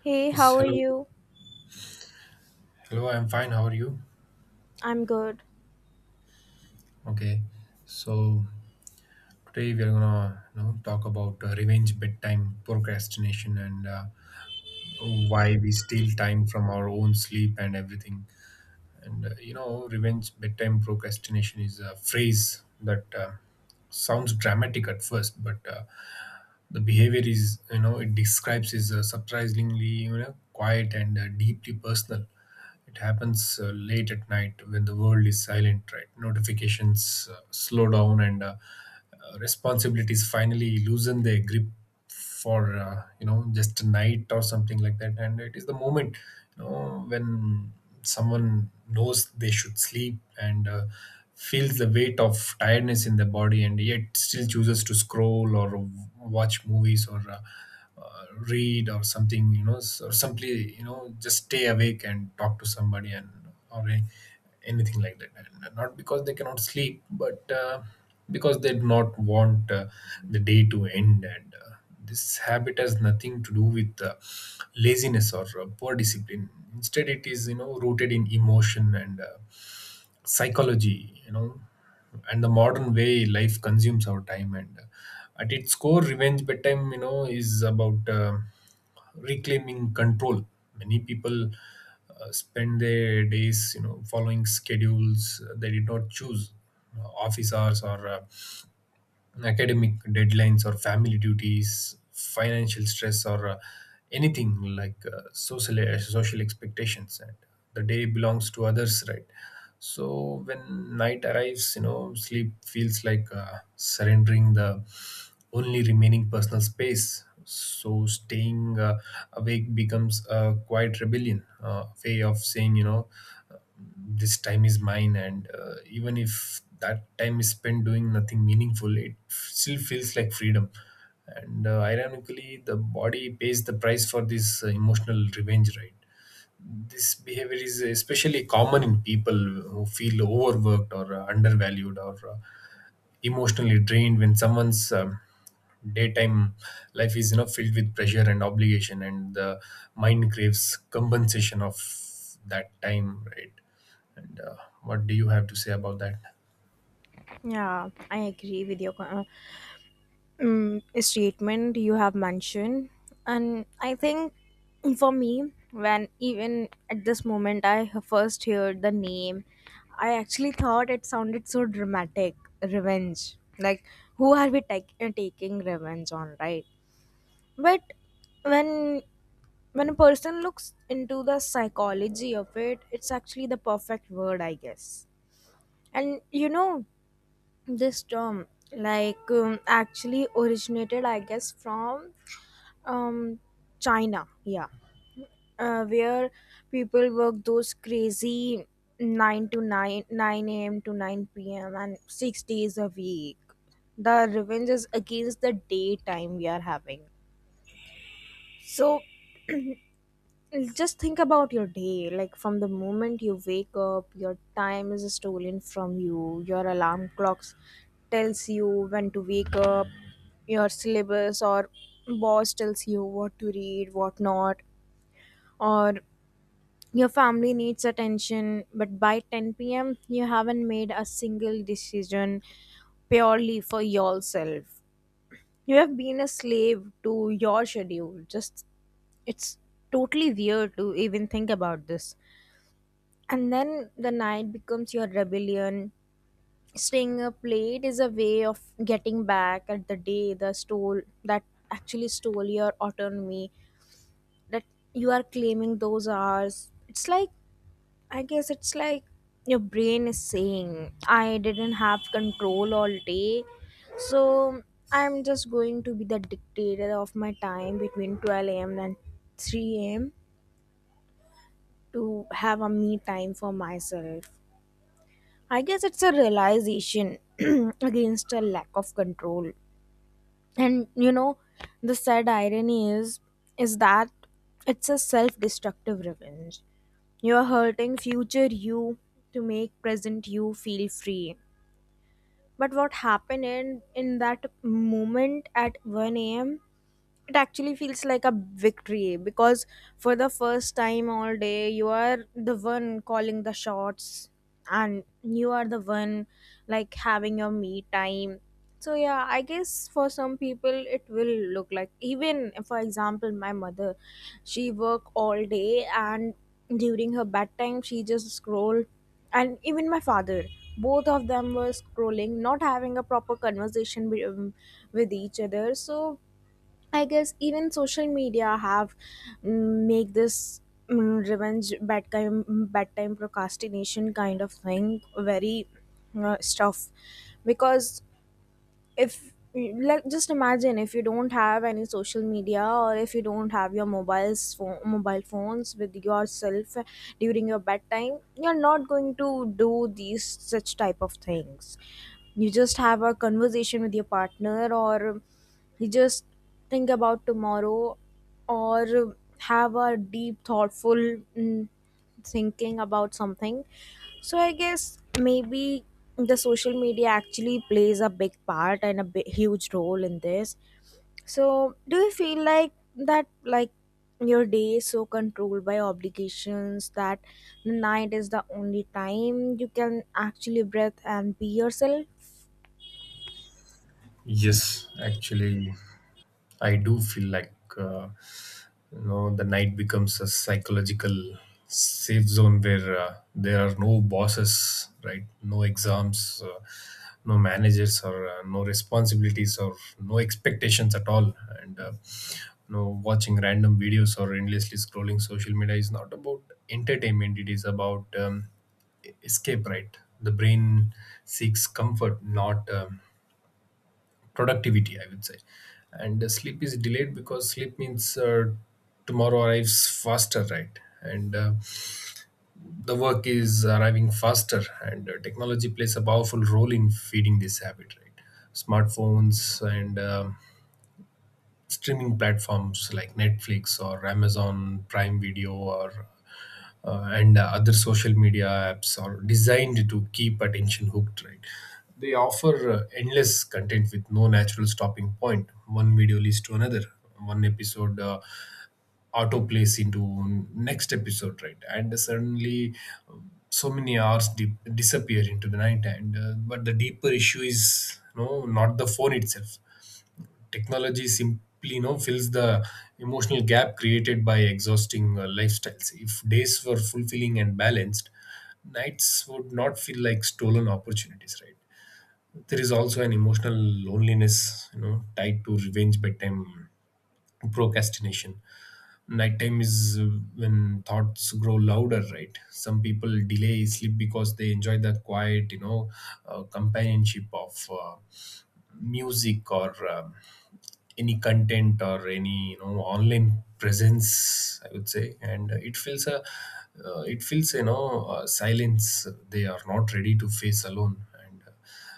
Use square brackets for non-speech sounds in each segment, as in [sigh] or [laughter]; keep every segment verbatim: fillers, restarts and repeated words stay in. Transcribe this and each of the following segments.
Hey, Yes, how are hello. you? Hello, I'm fine. How are you? I'm good. Okay. So today we are gonna you know, talk about uh, revenge bedtime procrastination and uh, why we steal time from our own sleep and everything. And uh, you know, revenge bedtime procrastination is a phrase that uh, sounds dramatic at first, but uh, the behavior is, you know it describes, is uh, surprisingly you know quiet and uh, deeply personal. It happens uh, late at night when the world is silent, right? Notifications uh, slow down and uh, uh, responsibilities finally loosen their grip for uh, you know just a night or something like that, and it is the moment you know when someone knows they should sleep and uh, feels the weight of tiredness in the body and yet still chooses to scroll or watch movies or uh, uh, read or something, you know s- or simply, you know just stay awake and talk to somebody and, or a, anything like that, and not because they cannot sleep but uh, because they do not want uh, the day to end. And uh, this habit has nothing to do with uh, laziness or uh, poor discipline. Instead it is, you know rooted in emotion and uh, psychology, you know and the modern way life consumes our time. And uh, at its core, revenge bedtime, you know is about uh, reclaiming control. Many people uh, spend their days you know following schedules they did not choose: uh, office hours or uh, academic deadlines, or family duties, financial stress, or uh, anything like uh, social uh, social expectations. And the day belongs to others, right? So when night arrives, you know, sleep feels like uh, surrendering the only remaining personal space. So staying uh, awake becomes a quiet rebellion, uh, way of saying, you know this time is mine. And uh, even if that time is spent doing nothing meaningful, it f- still feels like freedom. And uh, ironically, the body pays the price for this uh, emotional revenge, right? This behavior is especially common in people who feel overworked or uh, undervalued, or uh, emotionally drained. When someone's um, daytime life is, you know filled with pressure and obligation, and the mind craves compensation of that time, right? and uh, what do you have to say about that? Yeah, I agree with your uh, um, statement you have mentioned. And I think for me, when even at this moment I first heard the name, I actually thought it sounded so dramatic, revenge. Like, who are we tak- uh, taking revenge on, right? But when when a person looks into the psychology of it, it's actually the perfect word, I guess. And you know, this term, like, um, actually originated, I guess, from um China, yeah, uh, where people work those crazy nine to 9, 9 a.m to nine p.m, and six days a week. The revenge is against the daytime we are having. So just think about your day, like, from the moment you wake up, your time is stolen from you. Your alarm clocks tells you when to wake up. Your syllabus or boss tells you what to read, what not. Or your family needs attention, but by ten p.m you haven't made a single decision purely for yourself. You have been a slave to your schedule. Just, it's totally weird to even think about this. And then the night becomes your rebellion. Staying up late is a way of getting back at the day, the stole that, actually stole your autonomy. That, you are claiming those hours. It's like, I guess it's like your brain is saying, I didn't have control all day, so I'm just going to be the dictator of my time between twelve a.m and three a.m to have a me time for myself. I guess it's a realization [clears throat] against a lack of control. And you know, the sad irony is is that it's a self-destructive revenge. You're hurting future you to make present you feel free. But what happened in, in that moment at one a.m, it actually feels like a victory, because for the first time all day you are the one calling the shots, and you are the one, like, having your me time. So yeah, I guess for some people it will look like, even for example my mother, she work all day, and during her bedtime she just scroll. And even my father, both of them were scrolling, not having a proper conversation with, um, with each other. So I guess even social media have, mm, make this, mm, revenge bedtime bedtime procrastination kind of thing very uh, stuff. Because if, like, just imagine if you don't have any social media, or if you don't have your mobiles phone, mobile phones with yourself, during your bedtime you're not going to do these such type of things. You just have a conversation with your partner, or you just think about tomorrow, or have a deep thoughtful mm, thinking about something. So I guess maybe the social media actually plays a big part and a big, huge role in this. So do you feel like that, like your day is so controlled by obligations that the night is the only time you can actually breathe and be yourself? Yes, actually I do feel like uh, you know the night becomes a psychological safe zone where uh, there are no bosses, right? No exams, uh, no managers, or uh, no responsibilities, or no expectations at all. And uh, you know, watching random videos or endlessly scrolling social media is not about entertainment. It is about um, escape, right? The brain seeks comfort, not um, productivity, I would say. And uh, sleep is delayed because sleep means uh, tomorrow arrives faster, right? And uh, the work is arriving faster. And uh, technology plays a powerful role in feeding this habit, right? Smartphones and um streaming platforms like Netflix or Amazon Prime Video, or uh, and uh, other social media apps are designed to keep attention hooked, right? They offer uh, endless content with no natural stopping point point. One video leads to another, one episode uh, autoplays into next episode, right? And suddenly, um, so many hours di- disappear into the night. And uh, but the deeper issue is no, not the phone itself. Technology simply, you know fills the emotional gap created by exhausting uh, lifestyles. If days were fulfilling and balanced, nights would not feel like stolen opportunities, right? There is also an emotional loneliness, you know tied to revenge bedtime procrastination. Nighttime is uh, when thoughts grow louder, right? Some people delay sleep because they enjoy the quiet, you know uh, companionship of uh, music or um, any content, or any, you know online presence, I would say. And uh, it feels a uh, it feels, you know uh, silence they are not ready to face alone. And uh,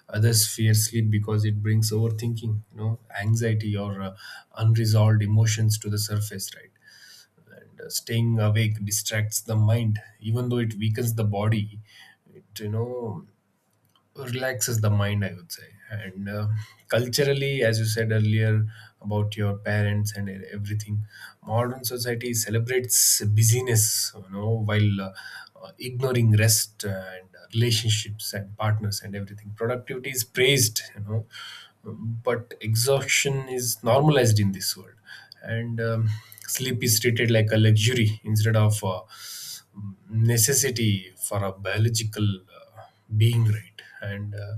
others fear sleep because it brings overthinking, you know anxiety or uh, unresolved emotions to the surface, right? And uh, staying awake distracts the mind, even though it weakens the body. It, you know relaxes the mind, I would say. And uh, culturally, as you said earlier about your parents and e-, everything, modern society celebrates busyness, you know while uh, uh, ignoring rest and relationships and partners and everything. Productivity is praised, you know but exhaustion is normalized in this world. And um, sleep is treated like a luxury instead of a necessity for a biological uh, being, right? And uh,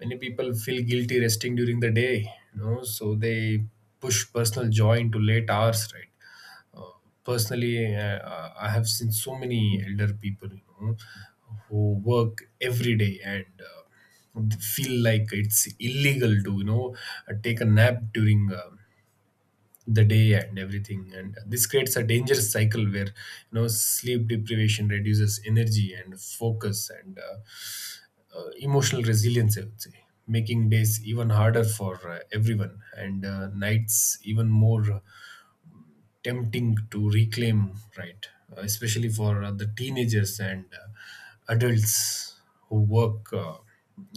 many people feel guilty resting during the day, you know so they push personal joy into late hours, right? uh, personally uh, uh, I have seen so many elder people, you know who work every day and uh, feel like it's illegal to, you know uh, take a nap during um the day and everything. And this creates a dangerous cycle where, you know sleep deprivation reduces energy and focus, and uh, uh, emotional resilience, I would say, making days even harder for uh, everyone, and uh, nights even more uh, tempting to reclaim, right? Uh, especially for uh, the teenagers and uh, adults who work uh,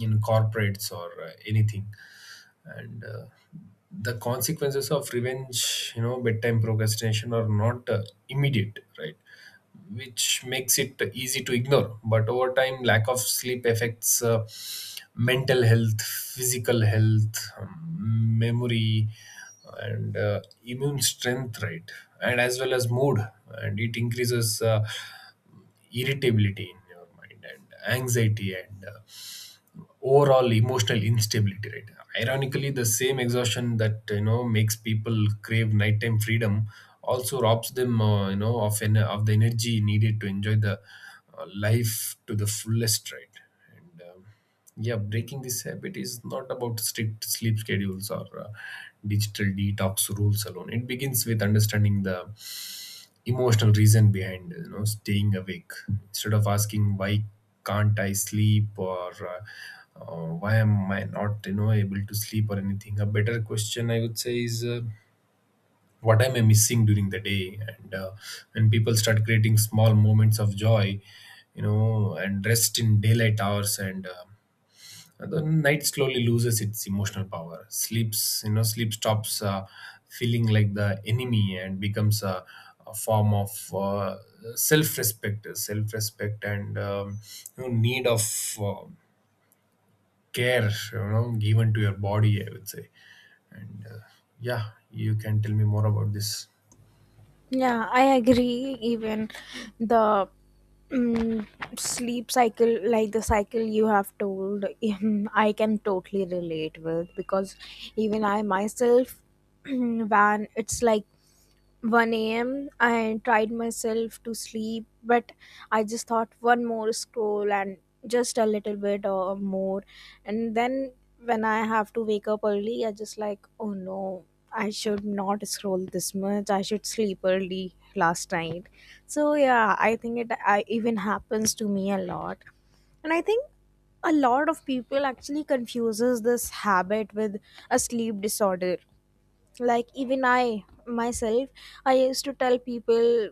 in corporates, or uh, anything. And uh, the consequences of revenge, you know, bedtime procrastination are not uh, immediate, right? Which makes it easy to ignore. But over time, lack of sleep affects uh, mental health, physical health, um, memory, and uh, immune strength, right? And as well as mood. And it increases uh, irritability in your mind, and anxiety, and uh, overall emotional instability, right? Ironically, the same exhaustion that, you know makes people crave nighttime freedom also robs them, uh, you know of en- of the energy needed to enjoy the uh, life to the fullest, right? And um, yeah, breaking this habit is not about strict sleep schedules or uh, digital detox rules alone. It begins with understanding the emotional reason behind, you know staying awake. Instead of asking why can't I sleep, or uh, uh, why am I not, you know able to sleep or anything, a better question, I would say, is uh, what am I missing during the day? And uh, when people start creating small moments of joy, you know and rest in daylight hours, and uh, uh, the night slowly loses its emotional power. Sleeps you know Sleep stops uh, feeling like the enemy and becomes a, a form of uh, self-respect self-respect, and um, you know, need of uh, care, you know given to your body, I would say. And uh, yeah, you can tell me more about this. Yeah, I agree. Even the mm sleep cycle, like the cycle you have told, [laughs] I can totally relate with, because even I myself, [clears throat] when it's like one a m. I tried myself to sleep, but I just thought, one more scroll, and just a little bit or more. And then when I have to wake up early, I just like, oh no, I should not scroll this much, I should sleep early last night. So yeah, I think it I, even happens to me a lot. And I think a lot of people actually confuses this habit with a sleep disorder. Like, even I myself, I used to tell people,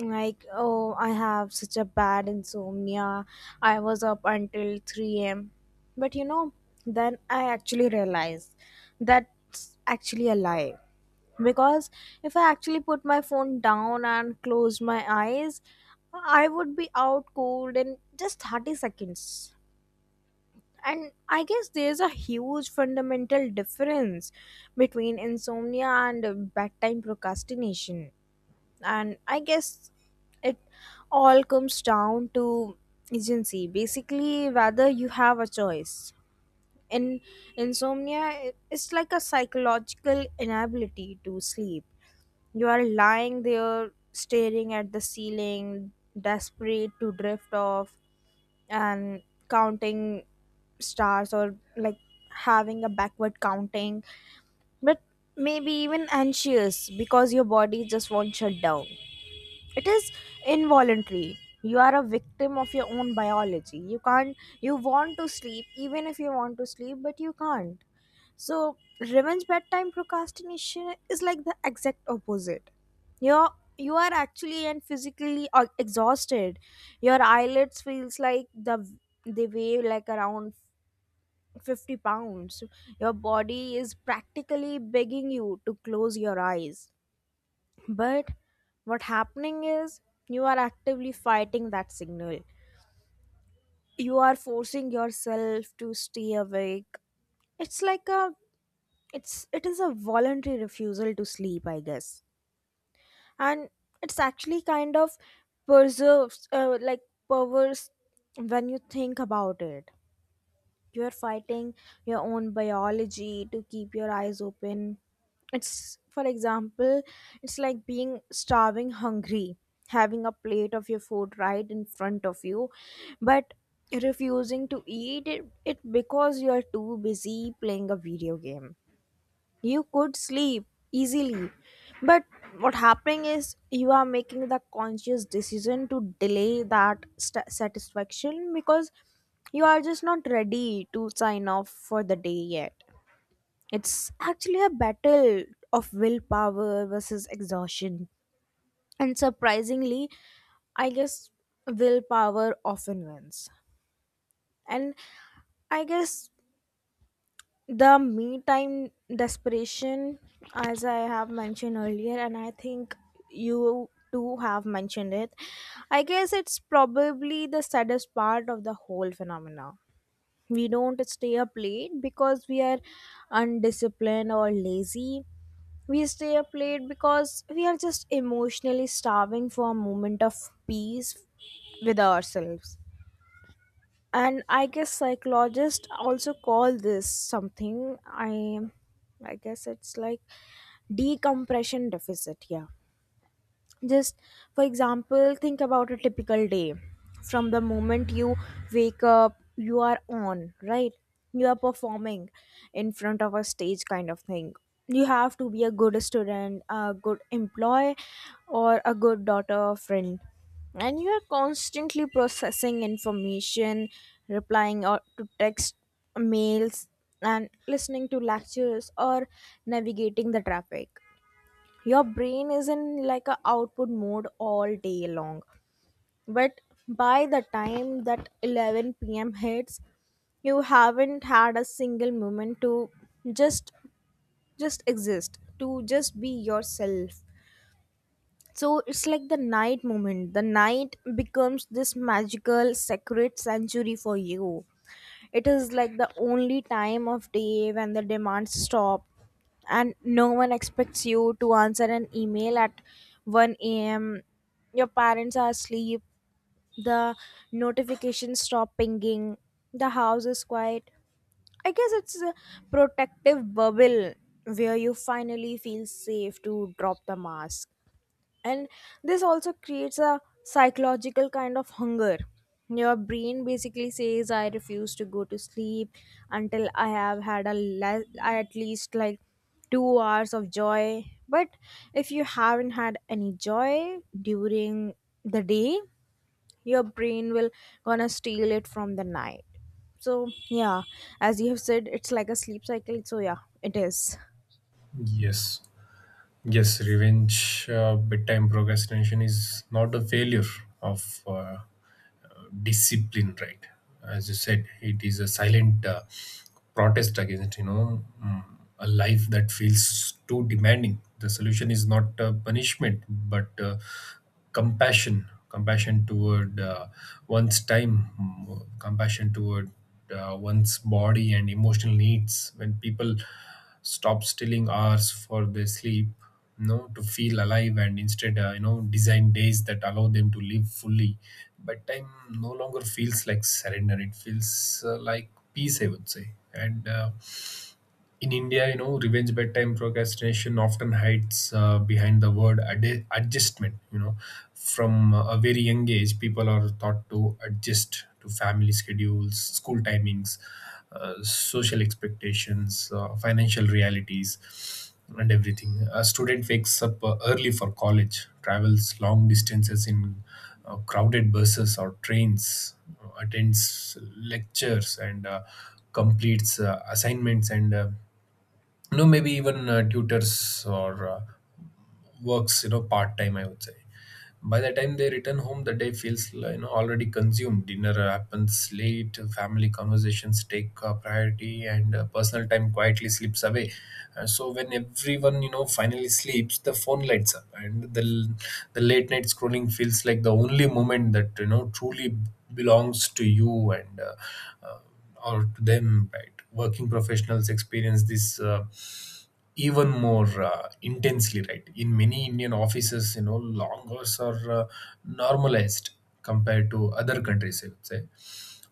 like, oh, I have such a bad insomnia, I was up until three a m. But you know, then I actually realized that's actually a lie, because if I actually put my phone down and close my eyes I would be out cold in just thirty seconds. And I guess there's a huge fundamental difference between insomnia and uh, bedtime procrastination. And I guess it all comes down to agency. Basically, whether you have a choice. In insomnia, it- it's like a psychological inability to sleep. You are lying there staring at the ceiling, desperate to drift off, and counting stars, or like having a backward counting, but maybe even anxious because your body just won't shut down. It is involuntary, you are a victim of your own biology. You can't, you want to sleep, even if you want to sleep, but you can't. So, revenge bedtime procrastination is like the exact opposite. You're you are actually and physically uh, exhausted. Your eyelids feels like the they weigh like around fifty pounds. Your body is practically begging you to close your eyes. But what happening is, you are actively fighting that signal. You are forcing yourself to stay awake. It's like a, it's it is a voluntary refusal to sleep, I guess. And it's actually kind of perserves uh, like perverse when you think about it. You're fighting your own biology to keep your eyes open. It's, for example, it's like being starving hungry, having a plate of your food right in front of you, but refusing to eat it, it because you're too busy playing a video game. You could sleep easily, but what happening is, you are making the conscious decision to delay that st- satisfaction, because you are just not ready to sign off for the day yet. It's actually a battle of willpower versus exhaustion. And surprisingly, I guess, willpower often wins. And I guess the me time desperation, as I have mentioned earlier, and I think you too have mentioned it, I guess it's probably the saddest part of the whole phenomena. We don't stay up late because we are undisciplined or lazy. We stay up late because we are just emotionally starving for a moment of peace with ourselves. And I guess psychologists also call this something, i i guess it's like decompression deficit, yeah. Just for example, think about a typical day. From the moment you wake up you are on, right? You are performing in front of a stage kind of thing. You have to be a good student, a good employee, or a good daughter or friend. And you are constantly processing information, replying or to text, mails, and listening to lectures, or navigating the traffic. Your brain is in, like, a output mode all day long. But by the time that eleven p.m hits, you haven't had a single moment to just just exist, to just be yourself. So it's like the night moment the night becomes this magical sacred sanctuary for you. It is like the only time of day when the demands stop, and no one expects you to answer an email at one a m. Your parents are asleep, the notifications stop pinging, the house is quiet. I guess it's a protective bubble where you finally feel safe to drop the mask. And this also creates a psychological kind of hunger. Your brain basically says, I refuse to go to sleep until I have had a le- at least like two hours of joy. But if you haven't had any joy during the day, your brain will gonna steal it from the night. So yeah, as you have said, it's like a sleep cycle, so yeah, it is. Yes, yes, revenge, uh, bedtime procrastination is not a failure of uh, discipline, right? As you said, it is a silent uh, protest against, you know mm, a life that feels too demanding. The solution is not uh, punishment but uh, compassion compassion toward uh, one's time, mm, compassion toward uh, one's body and emotional needs. When people stop stealing hours for their sleep, you know to feel alive, and instead uh, you know design days that allow them to live fully, but time no longer feels like surrender, it feels uh, like peace, I would say. And uh, in India, you know, revenge bedtime procrastination often hides uh, behind the word ad- adjustment. You know, from a very young age, people are taught to adjust to family schedules, school timings, uh, social expectations, uh, financial realities, and everything. A student wakes up uh, early for college, travels long distances in uh, crowded buses or trains, uh, attends lectures, and uh, completes uh, assignments, and uh, you know maybe even uh, tutors or uh, works, you know part time, I would say. By the time they return home, the day feels, uh, you know already consumed. Dinner uh, happens late, family conversations take uh, priority, and uh, personal time quietly slips away. Uh, so when everyone, you know finally sleeps, the phone lights up, and the the late night scrolling feels like the only moment that, you know truly belongs to you, and uh, uh, or to them, right? Working professionals experience this uh, even more uh, intensely, right? In many Indian offices, you know long hours are uh, normalized compared to other countries, I would say.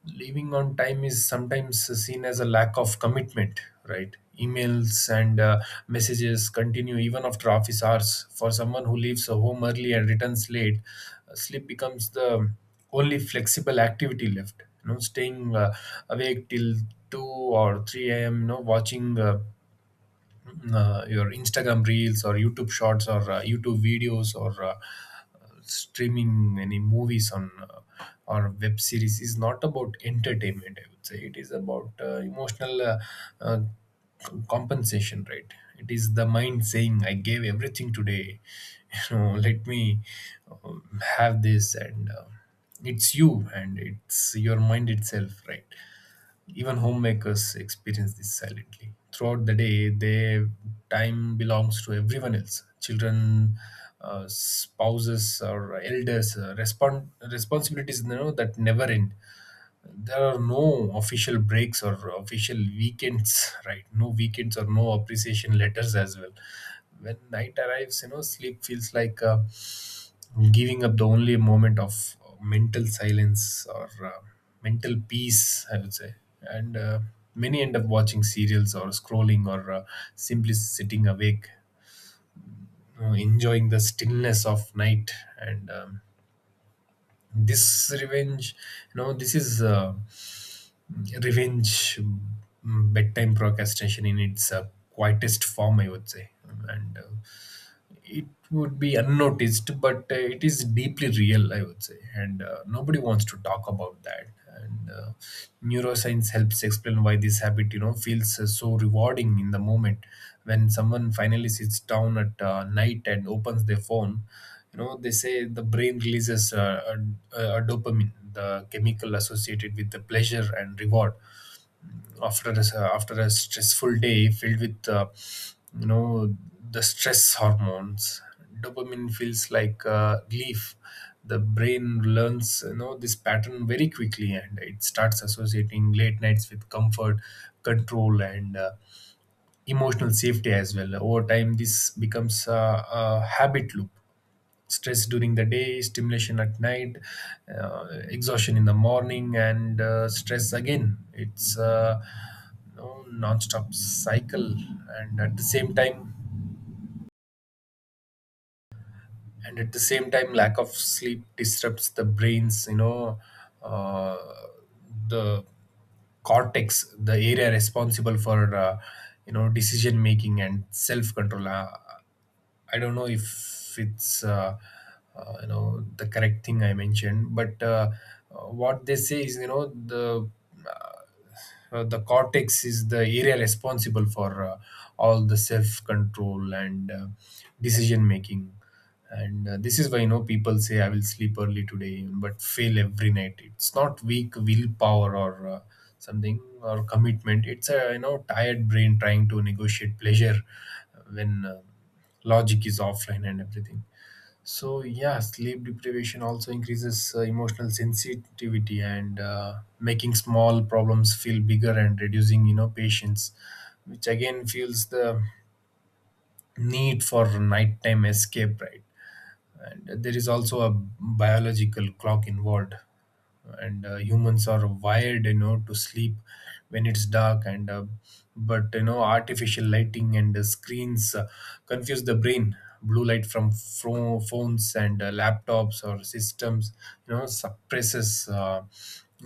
Leaving on time is sometimes seen as a lack of commitment, right? Emails and uh, messages continue even after office hours. For someone who leaves home early and returns late, uh, sleep becomes the only flexible activity left. You know, staying uh, awake till two or three a.m., you know watching uh, uh, your Instagram reels or YouTube shorts, or uh, YouTube videos, or uh, streaming any movies on uh, or web series, is not about entertainment. I would say it is about uh, emotional uh, uh, c- compensation, right? It is the mind saying, "I gave everything today. [laughs] You know, let me um, have this," and uh, it's you, and it's your mind itself, right? Even homemakers experience this silently. Throughout the day, their time belongs to everyone else. Children, uh, spouses, or elders. Uh, respon- responsibilities, you know, that never end. There are no official breaks or official weekends, right? No weekends or no appreciation letters as well. When night arrives, you know, sleep feels like uh, giving up the only moment of mental silence or uh, mental peace, I would say. And uh, Many end up watching serials or scrolling or uh, simply sitting awake, you know, enjoying the stillness of night. And um, this revenge you know this is uh, revenge mm, bedtime procrastination in its uh, quietest form, I would say. And uh, it would be unnoticed, but uh, it is deeply real, I would say, and uh, nobody wants to talk about that. And uh, Neuroscience helps explain why this habit, you know, feels uh, so rewarding in the moment. When someone finally sits down at uh, night and opens their phone, you know, they say the brain releases uh, a, a dopamine, the chemical associated with the pleasure and reward. After a, after a stressful day filled with uh, you know the stress hormones, dopamine feels like uh, relief. The brain learns, you know, this pattern very quickly, and it starts associating late nights with comfort, control, and uh, emotional safety as well. Over time this becomes uh, a habit loop. Stress during the day, stimulation at night, uh, exhaustion in the morning, and uh, stress again. It's a you non-stop cycle. And at the same time, and at the same time, lack of sleep disrupts the brain's, you know, uh, the cortex, the area responsible for, uh, you know, decision making and self-control. Uh, I don't know if it's uh, uh, you know, the correct thing I mentioned, but uh, uh, what they say is, you know, the uh, uh, the cortex is the area responsible for uh, all the self control and uh, decision making, and uh, this is why, you know, people say I will sleep early today but fail every night. It's not weak willpower or uh, something or commitment. It's a, you know, tired brain trying to negotiate pleasure when. Uh, logic is offline and everything. So yeah, sleep deprivation also increases uh, emotional sensitivity and uh, making small problems feel bigger and reducing, you know, patience, which again feels the need for nighttime escape, right? And there is also a biological clock involved, and uh, humans are wired, you know, to sleep when it's dark, and uh, but you know, artificial lighting and uh, screens uh, confuse the brain. Blue light from fro- phones and uh, laptops or systems, you know, suppresses uh,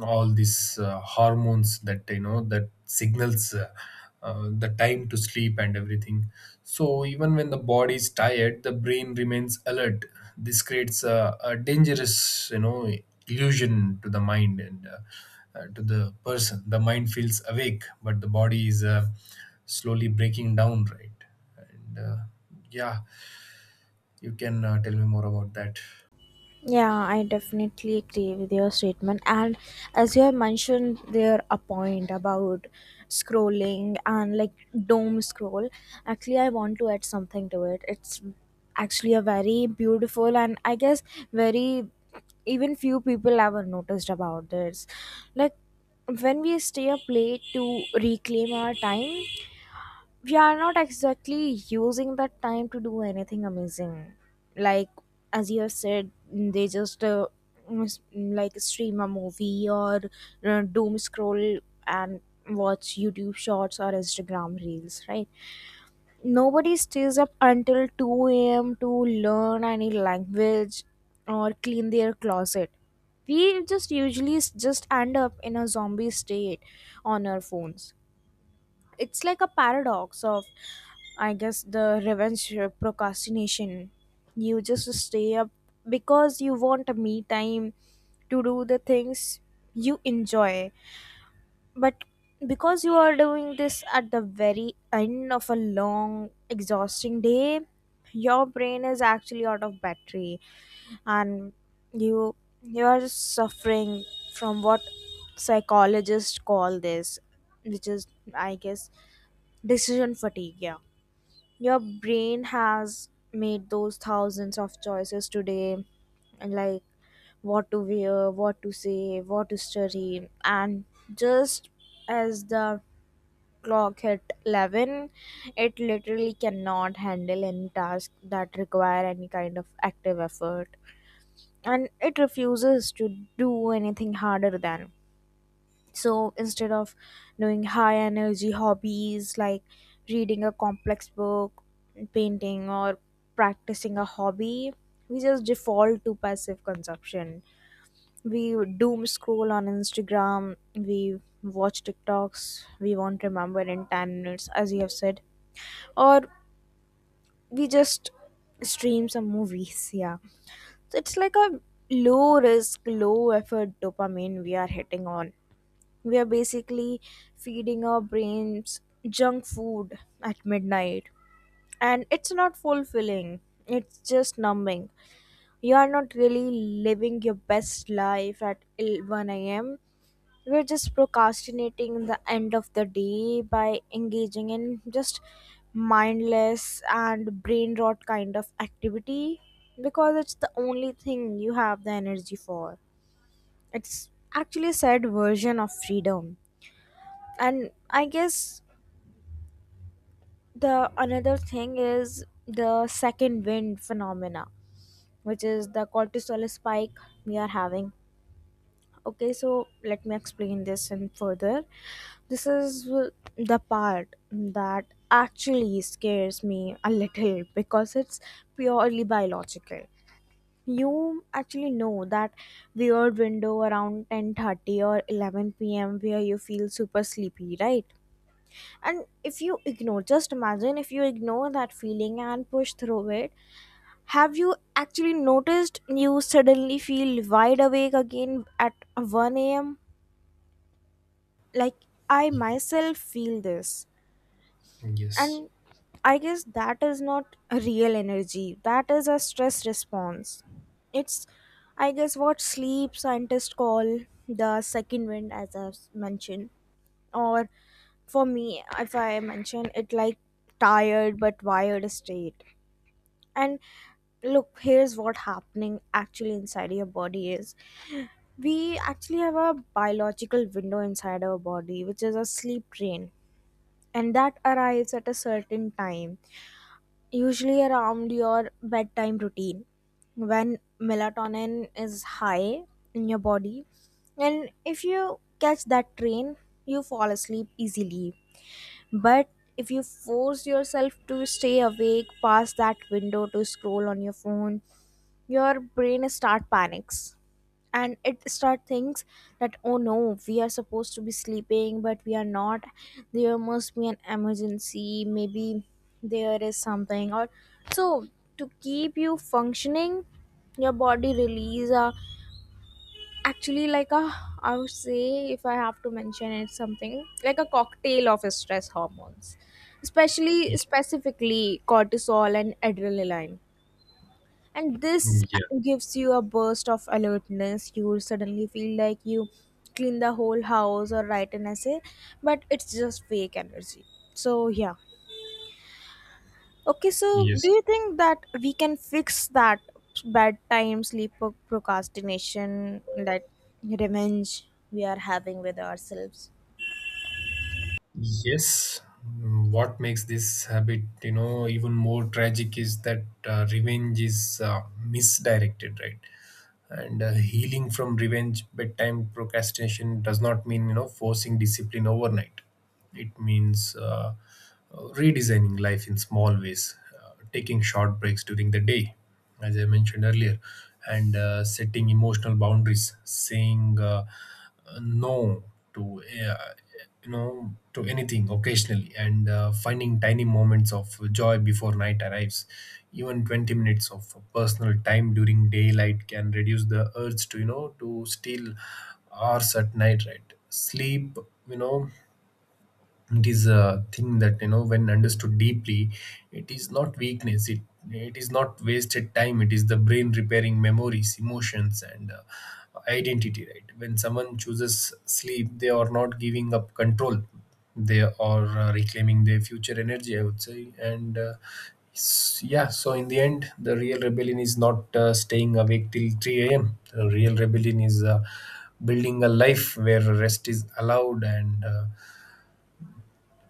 all these uh, hormones that, you know, that signals uh, uh, the time to sleep and everything. So even when the body is tired, the brain remains alert. This creates a, a dangerous, you know, illusion to the mind and uh, uh, to the person. The mind feels awake, but the body is uh, slowly breaking down, right? and uh, Yeah, you can uh, tell me more about that. Yeah, I definitely agree with your statement. And as you have mentioned there a point about scrolling and, like, doom scroll, actually I want to add something to it. It's actually a very beautiful, and I guess very, even few people ever noticed about this. Like, when we stay up late to reclaim our time we are not exactly using that time to do anything amazing. Like, as you have said, they just uh, s- like stream a movie, or uh, doom scroll and watch YouTube shorts or Instagram reels, right? Nobody stays up until two a.m to learn any language or clean their closet. We just usually s- just end up in a zombie state on our phones. It's like a paradox of, I guess, the revenge uh, procrastination. You just stay up because you want a me time to do the things you enjoy, but because you are doing this at the very end of a long exhausting day, your brain is actually out of battery. And you you are suffering from what psychologists call this, which is, I guess, decision fatigue, yeah. Your brain has made those thousands of choices today, and like, what to wear, what to say, what to study, and just as the clock hit eleven, it literally cannot handle any task that require any kind of active effort, and it refuses to do anything harder than. So instead of doing high energy hobbies, like reading a complex book, painting, or practicing a hobby, we just default to passive consumption. We doom scroll on Instagram, we watch TikToks we won't remember in ten minutes, as you have said, or we just stream some movies. Yeah. So it's like a low risk, low effort dopamine we are hitting on. We are basically feeding our brains junk food at midnight. And it's not fulfilling, it's just numbing. You are not really living your best life at one am. We're just procrastinating the end of the day by engaging in just mindless and brain rot kind of activity, because it's the only thing you have the energy for. It's actually a sad version of freedom. And I guess the another thing is the second wind phenomena, which is the cortisol spike we are having. Okay, so let me explain this in further. This is the part that actually scares me a little, because it's purely biological. You actually know that weird window around ten thirty or eleven p m where you feel super sleepy, right? And if you ignore, just imagine if you ignore that feeling and push through it, have you actually noticed you suddenly feel wide awake again at one a m? Like, I myself feel this. Yes. And I guess that is not a real energy, that is a stress response. It's, I guess, what sleep scientists call the second wind, as I've mentioned, or for me, if I mention it, like, tired but wired state. And look, here's what happening actually inside your body is, we actually have a biological window inside our body which is a sleep train, and that arrives at a certain time, usually around your bedtime routine when melatonin is high in your body. And if you catch that train you fall asleep easily. But if you force yourself to stay awake past that window to scroll on your phone, your brain start panics, and it start thinks that, oh no, we are supposed to be sleeping but we are not, there must be an emergency, maybe there is something, or so to keep you functioning, your body release a, actually like a, I would say if I have to mention it something, like a cocktail of stress hormones, especially Ye- specifically cortisol and adrenaline. And this yeah. gives you a burst of alertness, you will suddenly feel like you clean the whole house or write an essay, but it's just fake energy. So yeah. Okay, so do Yes. you think that we can fix that bedtime sleep pro- procrastination, that revenge we are having with ourselves? Yes. Mm, What makes this habit, you know, even more tragic is that uh, revenge is uh, misdirected, right? And uh, healing from revenge, bedtime procrastination does not mean, you know, forcing discipline overnight. It means uh, uh, redesigning life in small ways, uh, taking short breaks during the day, as I mentioned earlier, and uh, setting emotional boundaries, saying uh, uh, no to uh, you know, to anything occasionally, and uh, finding tiny moments of joy before night arrives. Even twenty minutes of personal time during daylight can reduce the urge to, you know, to steal hours at night, right? Sleep, you know, it is a thing that, you know, when understood deeply, it is not weakness. It it is not wasted time. It is the brain repairing memories, emotions, and uh, identity, right? When someone chooses sleep, they are not giving up control. They are uh, reclaiming their future energy, I would say. And uh, s- yeah, so in the end, the real rebellion is not uh, staying awake till three a.m. The real rebellion is uh, building a life where rest is allowed and uh,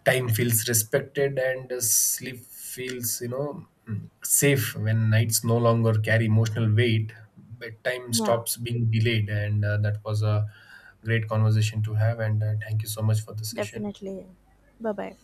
time feels respected and uh, sleep feels, you know, mm, safe. When nights no longer carry emotional weight, bedtime Yeah, stops being delayed. And uh, That was a great conversation to have, and uh, thank you so much for the session. definitely. Bye bye.